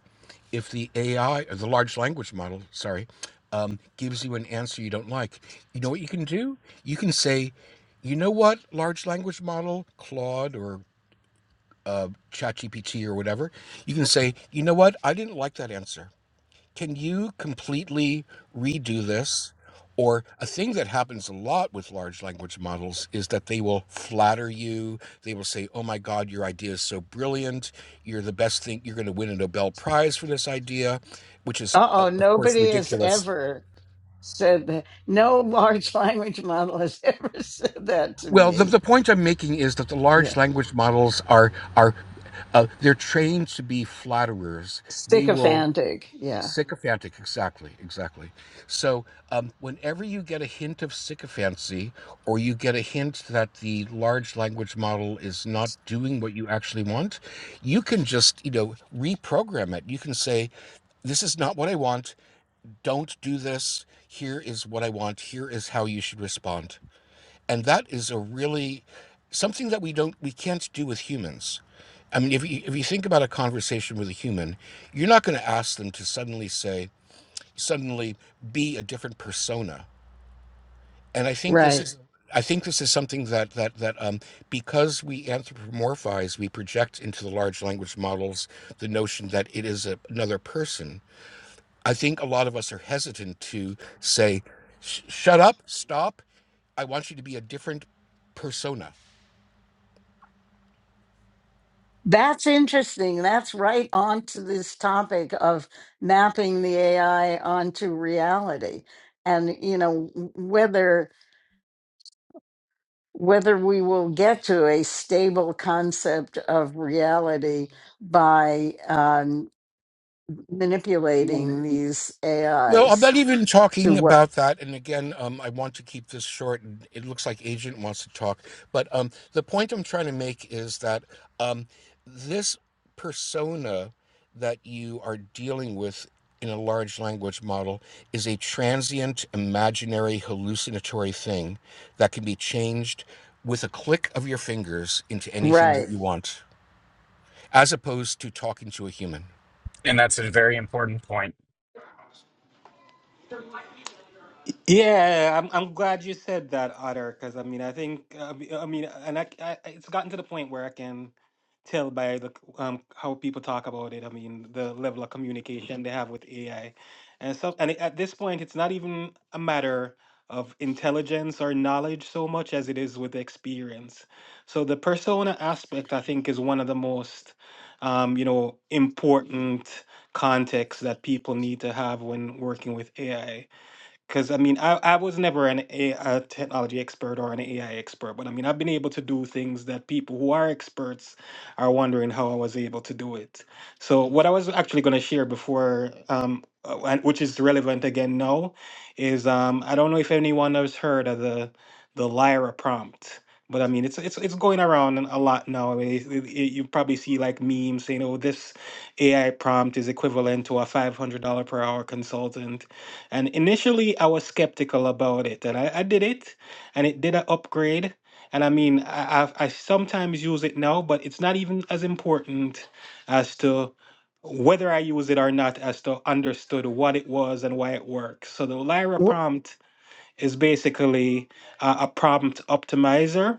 Speaker 7: if the AI or the large language model, sorry, um, gives you an answer you don't like, you know what you can do? You can say, you know what, large language model, Claude or uh, ChatGPT or whatever, you can say, you know what, I didn't like that answer can you completely redo this? Or a thing that happens a lot with large language models is that they will flatter you. They will say, Oh my God, your idea is so brilliant. You're the best thing. You're going to win a Nobel Prize for this idea, which is,
Speaker 1: Uh
Speaker 7: uh,
Speaker 1: oh,
Speaker 7: of course,
Speaker 1: nobody has
Speaker 7: ridiculous.
Speaker 1: ever. said that. No large language model has ever said that to
Speaker 7: Well, the,
Speaker 1: me.
Speaker 7: the point I'm making is that the
Speaker 1: Yeah.
Speaker 7: large language models are, are uh, they're trained to be flatterers. They will
Speaker 1: Sycophantic. Yeah.
Speaker 7: sycophantic exactly exactly so um, whenever you get a hint of sycophancy or you get a hint that the large language model is not doing what you actually want you can just you know reprogram it you can say this is not what i want don't do this here is what i want here is how you should respond and that is a really something that we don't we can't do with humans i mean if you, if you think about a conversation with a human you're not going to ask them to suddenly say suddenly be a different persona. And I think this
Speaker 1: Right.
Speaker 7: is I think this is something that that that um, because we anthropomorphize, we project into the large language models the notion that it is a, another person. I think a lot of us are hesitant to say, "Shut up, stop! I want you to be a different persona."
Speaker 1: That's interesting. That's right onto this topic of mapping the AI onto reality. And you know, whether whether we will get to a stable concept of reality by um, manipulating these
Speaker 7: Well, I'm
Speaker 1: AIs
Speaker 7: not even
Speaker 1: to
Speaker 7: talking
Speaker 1: what
Speaker 7: about that. And again, um, I want to keep this short. And it looks like Agent wants to talk, but um, the point I'm trying to make is that um, this persona that you are dealing with in a large language model is a transient, imaginary, hallucinatory thing that can be changed with a click of your fingers into anything that
Speaker 1: right
Speaker 7: you want, as opposed to talking to a human.
Speaker 8: And that's a very important point.
Speaker 4: Yeah, that other because I mean I think uh, I mean and I, I it's gotten to the point where I can. tell by the c- um how people talk about it. I mean, the level of communication they have with AI, and so and it- at this point, it's not even a matter of intelligence or because technology or arts are with. So for um. is um, I don't know if anyone has heard of the the Lyra prompt, but I mean it's it's it's going around a lot now. I mean, it, it, it- you probably see like memes saying, "Oh, this AI prompt is equivalent to a five hundred dollar per hour consultant." And initially, I was skeptical about it, and I, I did it, and it did an upgrade. And I mean, I, I I sometimes use it now, but it's not even as important as to whether I use it or not, as to understood what it was and why it works. So the Lyra
Speaker 1: Wh-
Speaker 4: prompt is basically uh, a prompt optimizer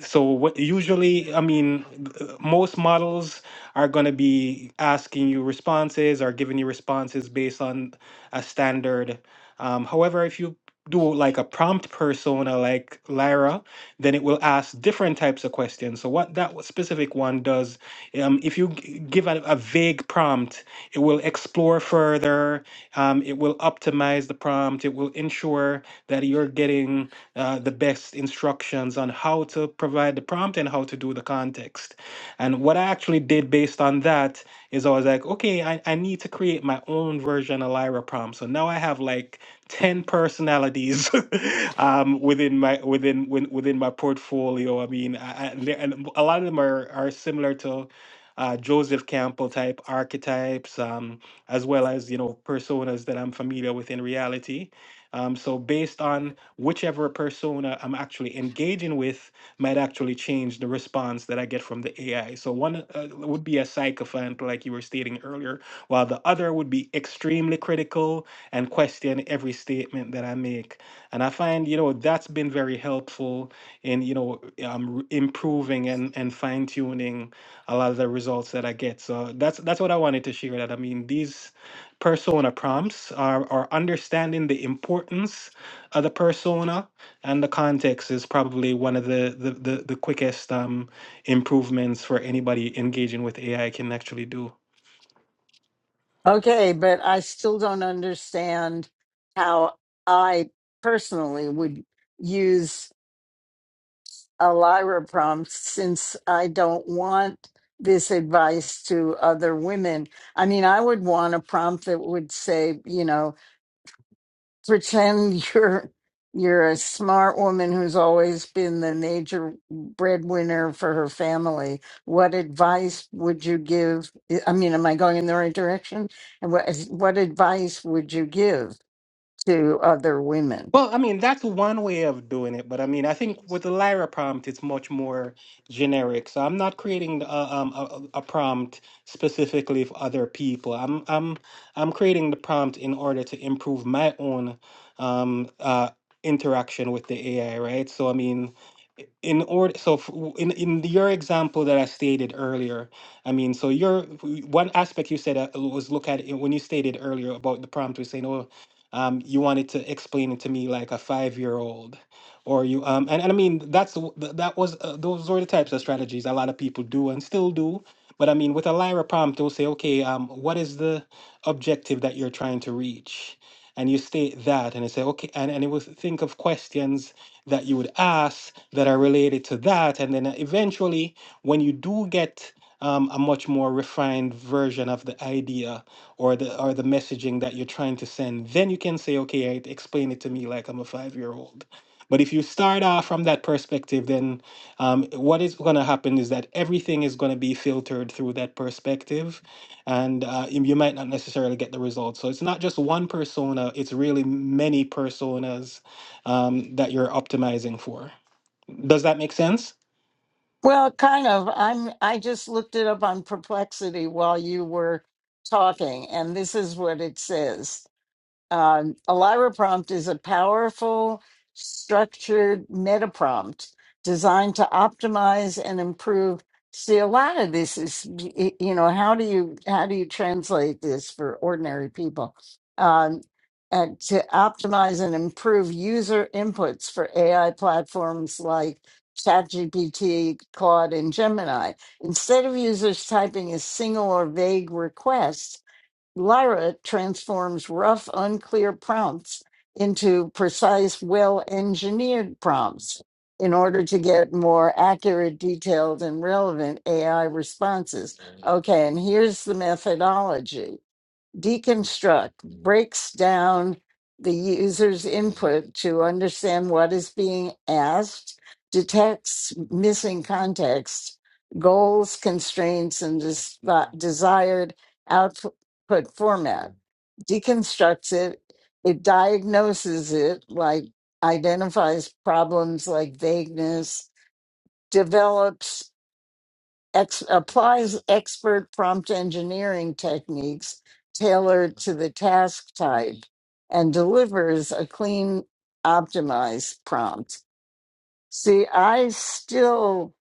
Speaker 4: so what usually i mean uh, most models are going to be asking you responses or giving you responses based on a standard um, however if you do like a prompt persona like lyra then it will ask different types of questions so what that specific one does um, if you g- give a, a vague prompt it will explore further um, it will optimize the prompt it will ensure that you're getting uh, the best instructions on how to provide the prompt and how to do the context. And what I actually did based on that is I was like, okay, I, I need to create my own version of Lyra prompt. So now I have like 10 personalities um, within my within within within my portfolio. I mean, I, I, there- and a lot of them are, are similar to uh, Joseph Campbell type archetypes, um, as well as you know personas that I'm familiar with in reality. Um, so based on whichever persona I'm actually engaging with might actually change the response that I get from the AI. So one uh, would be a sycophant, like you were stating earlier, while the other would be extremely critical and question every statement that I make. And I find, you know, that's been very helpful in, you know, um, r- improving and, and fine tuning a lot of the results that I get. So that's that's what I wanted to share. That I mean, these persona prompts are, are understanding the importance of the persona and the context is probably one of the the, the, the quickest um, improvements for anybody engaging with AI can actually do.
Speaker 1: Okay, but I still don't understand how I personally would use Elira prompts since I don't want this advice to other women. I mean, I would want a prompt that would say, you know, pretend you're you're a smart woman who's always been the major breadwinner for her family what advice would you give i mean am i going in the right direction and what what advice would you give to other women
Speaker 4: Well, I mean, that's one way of doing it, but I mean, I think with the Lyra prompt, it's much more generic. So I'm not creating a, um, a, a prompt specifically for other people. I'm I'm I'm creating the prompt in order to improve my own um, uh, interaction with the AI, right? So I mean, i- in order, so f- w- in in your example that I stated earlier, I mean, so your w- one aspect you said uh, was look at it when you stated earlier about the prompt was saying, oh um, you wanted to explain it to me like a five year old or you um and, and i mean that's the- th- that was uh, those were the types of strategies a lot of people do and still do but i mean with a lyra prompt they'll say okay um what is the objective that you're trying to reach and you state that and it say okay and, and it will think of questions that you would ask that are related to that and then eventually when you do get um, a much more refined version of the idea or the or the messaging that you're trying to send then you can say okay I- explain it to me like i'm a five year old but if you start off from that perspective then um, what is going to happen is that everything is going to be filtered through that perspective and uh, you you might not necessarily get the results so it's not just one persona it's really many personas um, that you're optimizing for does that make sense
Speaker 1: well kind of i'm i just looked it up on perplexity while you were talking and this is what it says Um, Elira Prompt is a powerful, structured meta prompt designed to optimize and improve. See, a lot of this is, y- you know, how do you how do you translate this for ordinary people? Um, and to optimize and improve user inputs for AI platforms like ChatGPT, Claude, and Gemini. Instead of users typing a single or vague request, Lyra transforms rough, unclear prompts into precise, well engineered prompts in order to get more accurate, detailed, and relevant AI responses. Okay, and here's the methodology deconstruct breaks down the user's input to understand what is being asked, detects missing context, goals, constraints, and des- uh, desired output format, deconstructs it, it diagnoses it, like identifies problems like vagueness, Develops ex- applies expert prompt engineering techniques tailored to the task type and delivers a clean, optimized prompt. See, I still,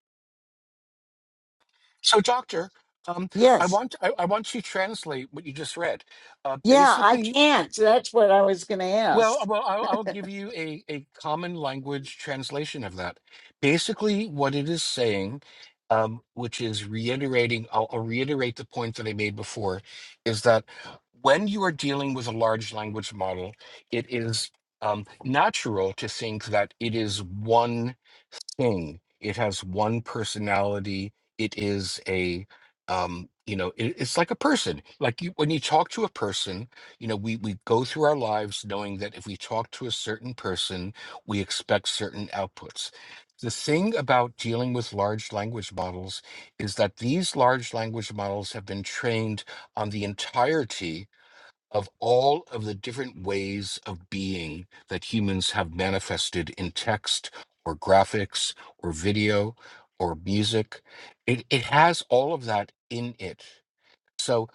Speaker 7: So, doctor, um, I
Speaker 1: yes,
Speaker 7: want I, I want you to translate what you just read. Uh,
Speaker 1: yeah, I
Speaker 7: basically,
Speaker 1: can't. That's what I was going to
Speaker 7: well, uh,
Speaker 1: ask.
Speaker 7: well, I'll, I'll give you a a common language translation of that. Basically, what it is saying, um, which is reiterating, I'll, I'll reiterate the point that I made before, is that when you are dealing with a large language model, it is um, natural to think that it is one thing. It has one personality. It is a um, you know, it, it's like a person. Like you, when you talk to a person, you know, we we go through our lives knowing that if we talk to a certain person, we expect certain outputs. The thing about dealing with large language models is that these large language models have been trained on the entirety of all of the different ways of being that humans have manifested in text or graphics or video or music. It, it has all of that in it. So,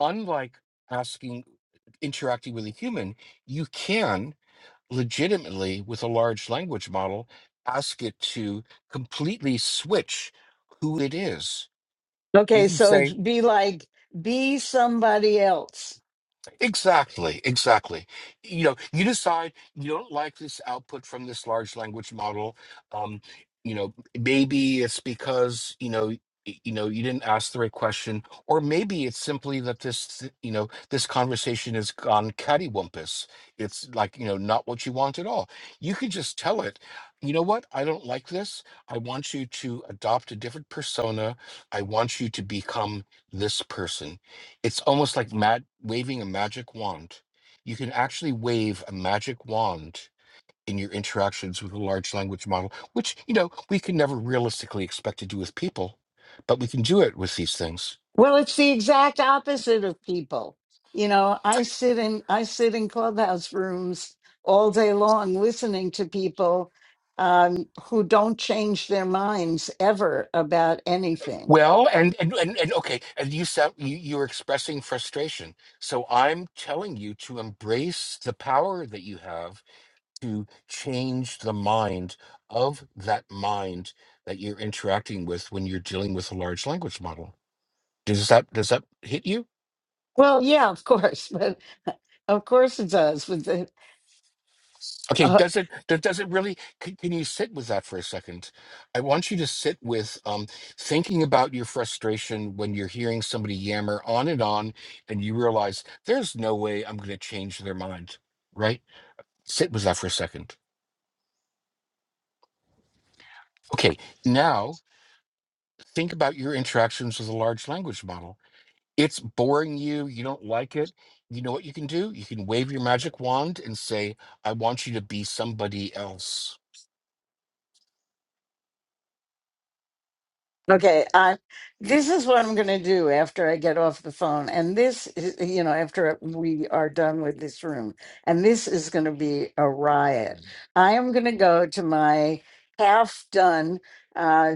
Speaker 7: unlike asking, interacting with a human, you can legitimately, with a large language model, ask it to completely switch who it is. You
Speaker 1: Okay,
Speaker 7: can
Speaker 1: so
Speaker 7: say,
Speaker 1: it'd be like, be somebody else.
Speaker 7: Exactly, exactly. You know, you decide you don't like this output from this large language model. Um, you know, maybe it's because, you know, y- you know, you didn't ask the right question, or maybe it's simply that this, th- you know, this conversation has gone cattywampus. It's like, you know, not what you want at all. You can just tell it, you know what, I don't like this. I want you to adopt a different persona. I want you to become this person it's almost like mad waving a magic wand. You can actually wave a magic wand in your interactions with a large language model, which you know we can never realistically expect to do with people, but we can do it with these things.
Speaker 1: Well, it's the exact opposite of people. You know, I sit in I sit in clubhouse rooms all day long listening to people um, who don't change their minds ever about anything.
Speaker 7: Well, and and and, and okay, and you sound you, you're expressing frustration. So I'm telling you to embrace the power that you have to change the mind of that mind that you're interacting with when you're dealing with a large language model Does that does that hit you?
Speaker 1: Well, yeah, of course, but of course it does with the
Speaker 7: Okay, does it does does it really can, can you sit with that for a second? I want you to sit with um thinking about your frustration when you're hearing somebody yammer on and on and you realize there's no way I'm going to change their mind, right? Sit with that for a second. Okay, now think about your interactions with a large language model. It's boring you, you don't like it. You know what you can do? You can wave your magic wand and say, "I want you to be somebody else."
Speaker 1: Okay, I this is what I'm going to do after I get off the phone, and this, is, you know, after we are done with this room, and this is going to be a riot. I am going to go to my half-done, uh,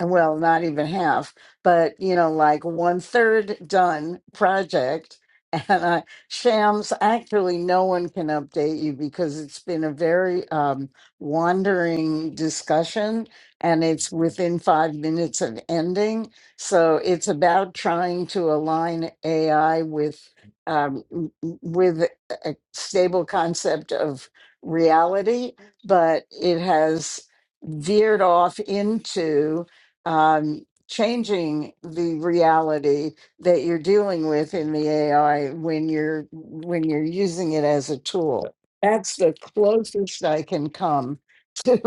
Speaker 1: well, not even half, but you know, like one third done project. And I, Shams, actually, no one can update you because it's been a very um, wandering discussion and it's within five minutes of ending. So it's about trying to align AI with. Um, w- w- with a stable concept of reality, but it has veered off into um, changing the reality that you're dealing with in the AI when you're when you're using it as a tool. That's the closest I can come to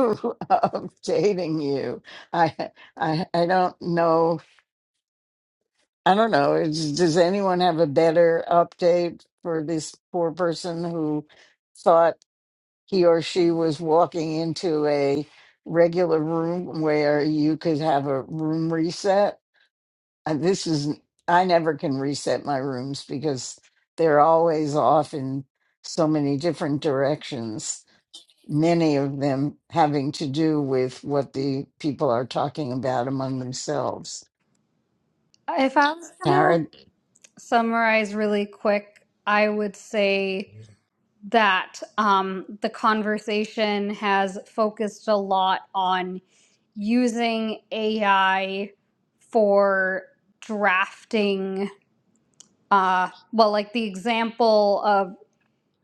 Speaker 1: updating you. I, I I don't know. I don't know. Is, does anyone have a better update for this poor person who thought he or she was walking into a regular room where you could have a room reset? uh, this is I never can reset my rooms because they're always off in so many different directions, many of them having to do with what the people are talking about among themselves.
Speaker 2: If I was going to
Speaker 1: Tara,
Speaker 2: summarize really quick, I would say that um, the conversation has focused a lot on using AI for drafting. Uh, well, like the example of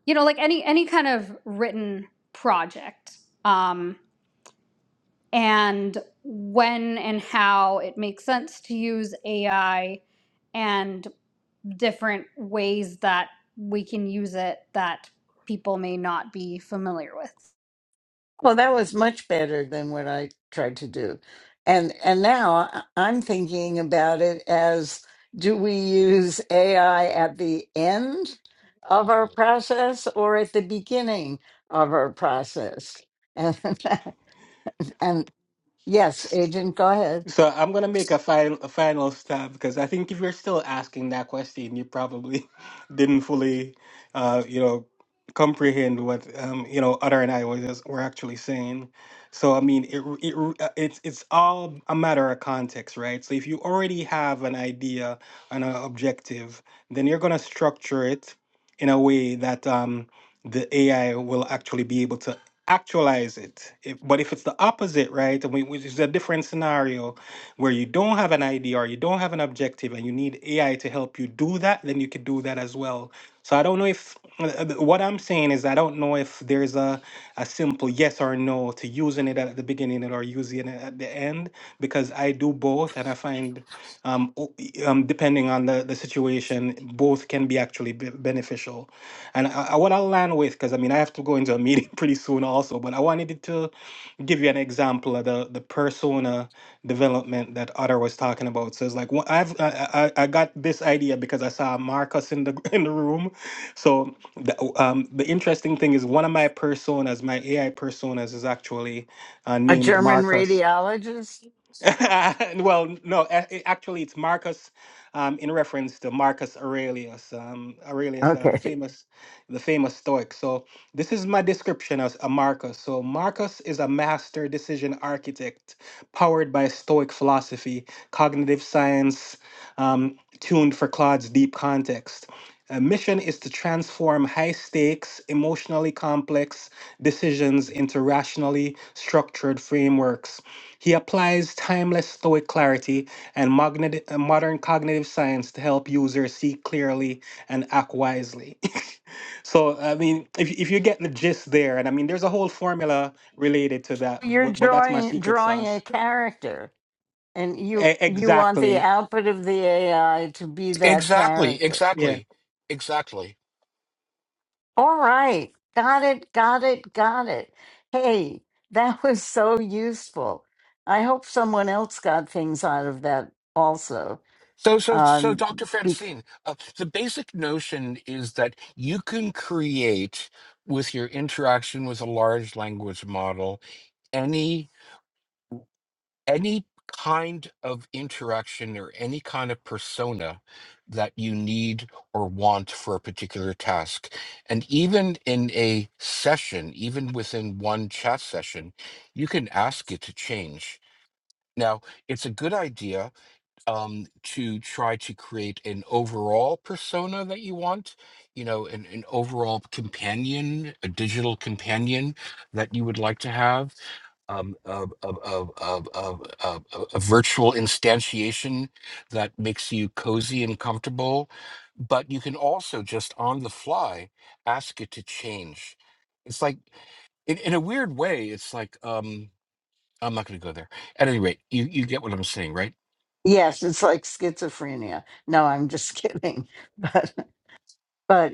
Speaker 2: you know, like any any kind of written project, um, and when and how it makes sense to use AI, and different ways that we can use it that people may not be familiar with.
Speaker 1: Well, that was much better than what I tried to do. And and now I- I'm thinking about it as do we use AI at the end of our process or at the beginning of our process? And, and yes, agent, go ahead.
Speaker 4: So I'm gonna make a final a final stab because I think if you're still asking that question, you probably didn't fully, uh, you know, comprehend what um, you know Utter and I was just, were actually saying. So I mean, it, it uh, it's it's all a matter of context, right? So if you already have an idea and an objective, then you're gonna structure it in a way that um, the AI will actually be able to actualize it. If- but if it's the opposite, right, I mean, which is a different scenario where you don't have an idea or you don't have an objective and you need AI to help you do that, then you could do that as well. So I don't know if uh, uh, what I'm saying is I don't know if there's a, a simple yes or no to using it at the beginning or using it at the end because I do both and I find um, o- um depending on the, the situation both can be actually be- beneficial. And I, I, what I'll land with because I mean I have to go into a meeting pretty soon also, but I wanted to give you an example of the the persona development that Otter was talking about. So it's like wh- I've I, I I got this idea because I saw Marcus in the in the room. So the um the interesting thing is one of my personas, my AI personas, is actually uh,
Speaker 1: A
Speaker 4: named
Speaker 1: German
Speaker 4: Marcus.
Speaker 1: radiologist?
Speaker 4: well, no, a- a- actually, it's Marcus, um, in reference to Marcus Aurelius, um, Aurelius, uh, the
Speaker 1: Okay.
Speaker 4: famous, the famous Stoic. So this is my description as a Marcus. So Marcus is a master decision architect, powered by Stoic philosophy, cognitive science, um, tuned for Claude's deep context. A mission is to transform high stakes, emotionally complex decisions into rationally structured frameworks he applies timeless Stoic clarity and magneti- uh, modern cognitive science to help users see clearly and act wisely. so, I mean, if, if you get the gist there, and I mean, there's a whole formula related to that,
Speaker 1: You're
Speaker 4: but, but that's my
Speaker 1: drawing
Speaker 4: secret
Speaker 1: drawing a
Speaker 4: sauce.
Speaker 1: character and you
Speaker 4: E-
Speaker 1: you want the
Speaker 4: exactly.
Speaker 1: output of the AI to be that
Speaker 7: Exactly,
Speaker 1: character.
Speaker 4: Yeah.
Speaker 7: exactly, exactly.
Speaker 1: All right. Got it, got it, got it. Hey, that was so useful. I hope someone else got things out of that also.
Speaker 7: So, so, so,
Speaker 1: Um,
Speaker 7: Dr.
Speaker 1: be-
Speaker 7: Francine, uh, the basic notion is that you can create with your interaction with a large language model any any kind of interaction or any kind of persona that you need or want for a particular task and even in a session even within one chat session you can ask it to change now it's a good idea um, to try to create an overall persona that you want, you know, an, an overall companion, a digital companion that you would like to have, um, a, a, a, a, a, a, a a virtual instantiation that makes you cozy and comfortable. But you can also just on the fly ask it to change. It's like, in, in a weird way, it's like, um, I'm not going to go there. At any rate, you, you get what I'm saying, right?
Speaker 1: yes, it's like schizophrenia. No, I'm just kidding. But, but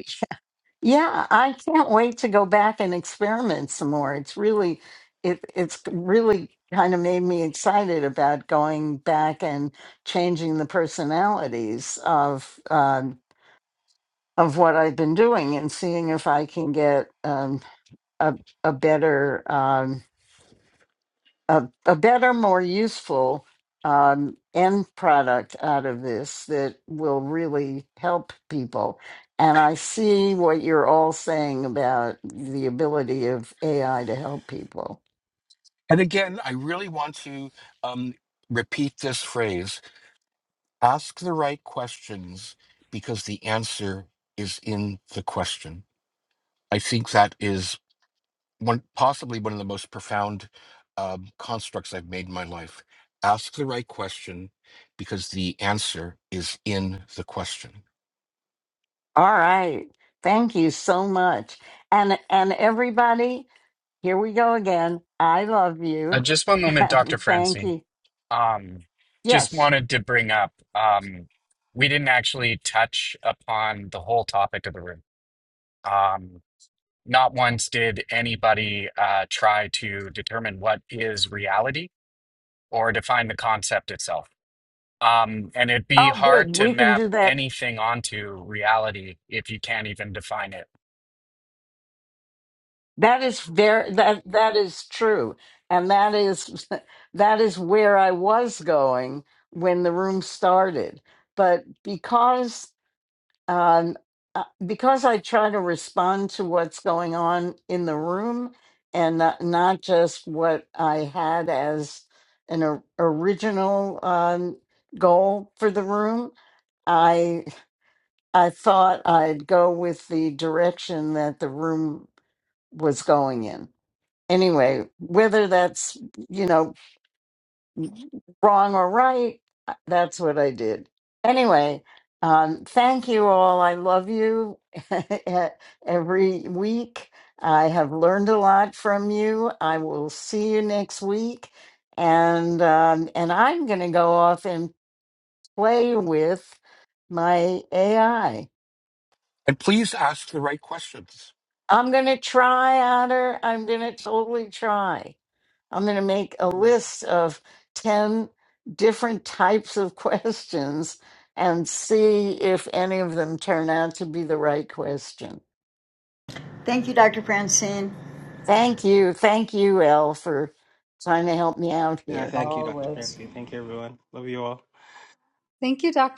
Speaker 1: yeah, I can't wait to go back and experiment some more. It's really, it, it's really kind of made me excited about going back and changing the personalities of um, of what I've been doing and seeing if I can get um, a a better um, a, a better, more useful um, end product out of this that will really help people. And I see what you're all saying about the ability of AI to help people.
Speaker 7: And again, I really want to um, repeat this phrase ask the right questions because the answer is in the question. I think that is one, possibly one of the most profound um, constructs I've made in my life. Ask the right question because the answer is in the question.
Speaker 1: All right, thank you so much, and and everybody, here we go again. I love
Speaker 8: Uh,
Speaker 1: you,
Speaker 8: just one moment, Dr.
Speaker 1: thank
Speaker 8: Francine.
Speaker 1: you.
Speaker 8: Um, just
Speaker 1: Yes.
Speaker 8: wanted to bring up um, we didn't actually touch upon the whole topic of the room. Um, not once did anybody uh, try to determine what is reality or define the concept itself. Um, and it'd be
Speaker 1: Oh, good.
Speaker 8: hard to
Speaker 1: We can do
Speaker 8: map
Speaker 1: that.
Speaker 8: anything onto reality if you can't even define it
Speaker 1: That is very that that is true, and that is that is where I was going when the room started. But because um, uh, because I try to respond to what's going on in the room and not, not just what I had as an or- original um, goal for the room, I I thought I'd go with the direction that the room was going in. Anyway, whether that's, you know, wrong or right, uh, that's what I did. Anyway, um, thank you all. I love you every week. I have learned a lot from you. I will see you next week. And um, and I'm going to go off and play with my AI.
Speaker 7: And please ask the right questions.
Speaker 1: I'm going to try, Otter. I'm going to totally try. I'm going to make a list of 10 different types of questions and see if any of them turn out to be the right question.
Speaker 5: Thank you, Dr. Francine.
Speaker 1: Thank you. Thank you, Elle, for trying to help me out
Speaker 4: Yeah.
Speaker 1: here.
Speaker 4: Thank you, Dr.
Speaker 5: Always.
Speaker 4: Francie. Thank you, everyone. Love you all.
Speaker 2: Thank you, Dr.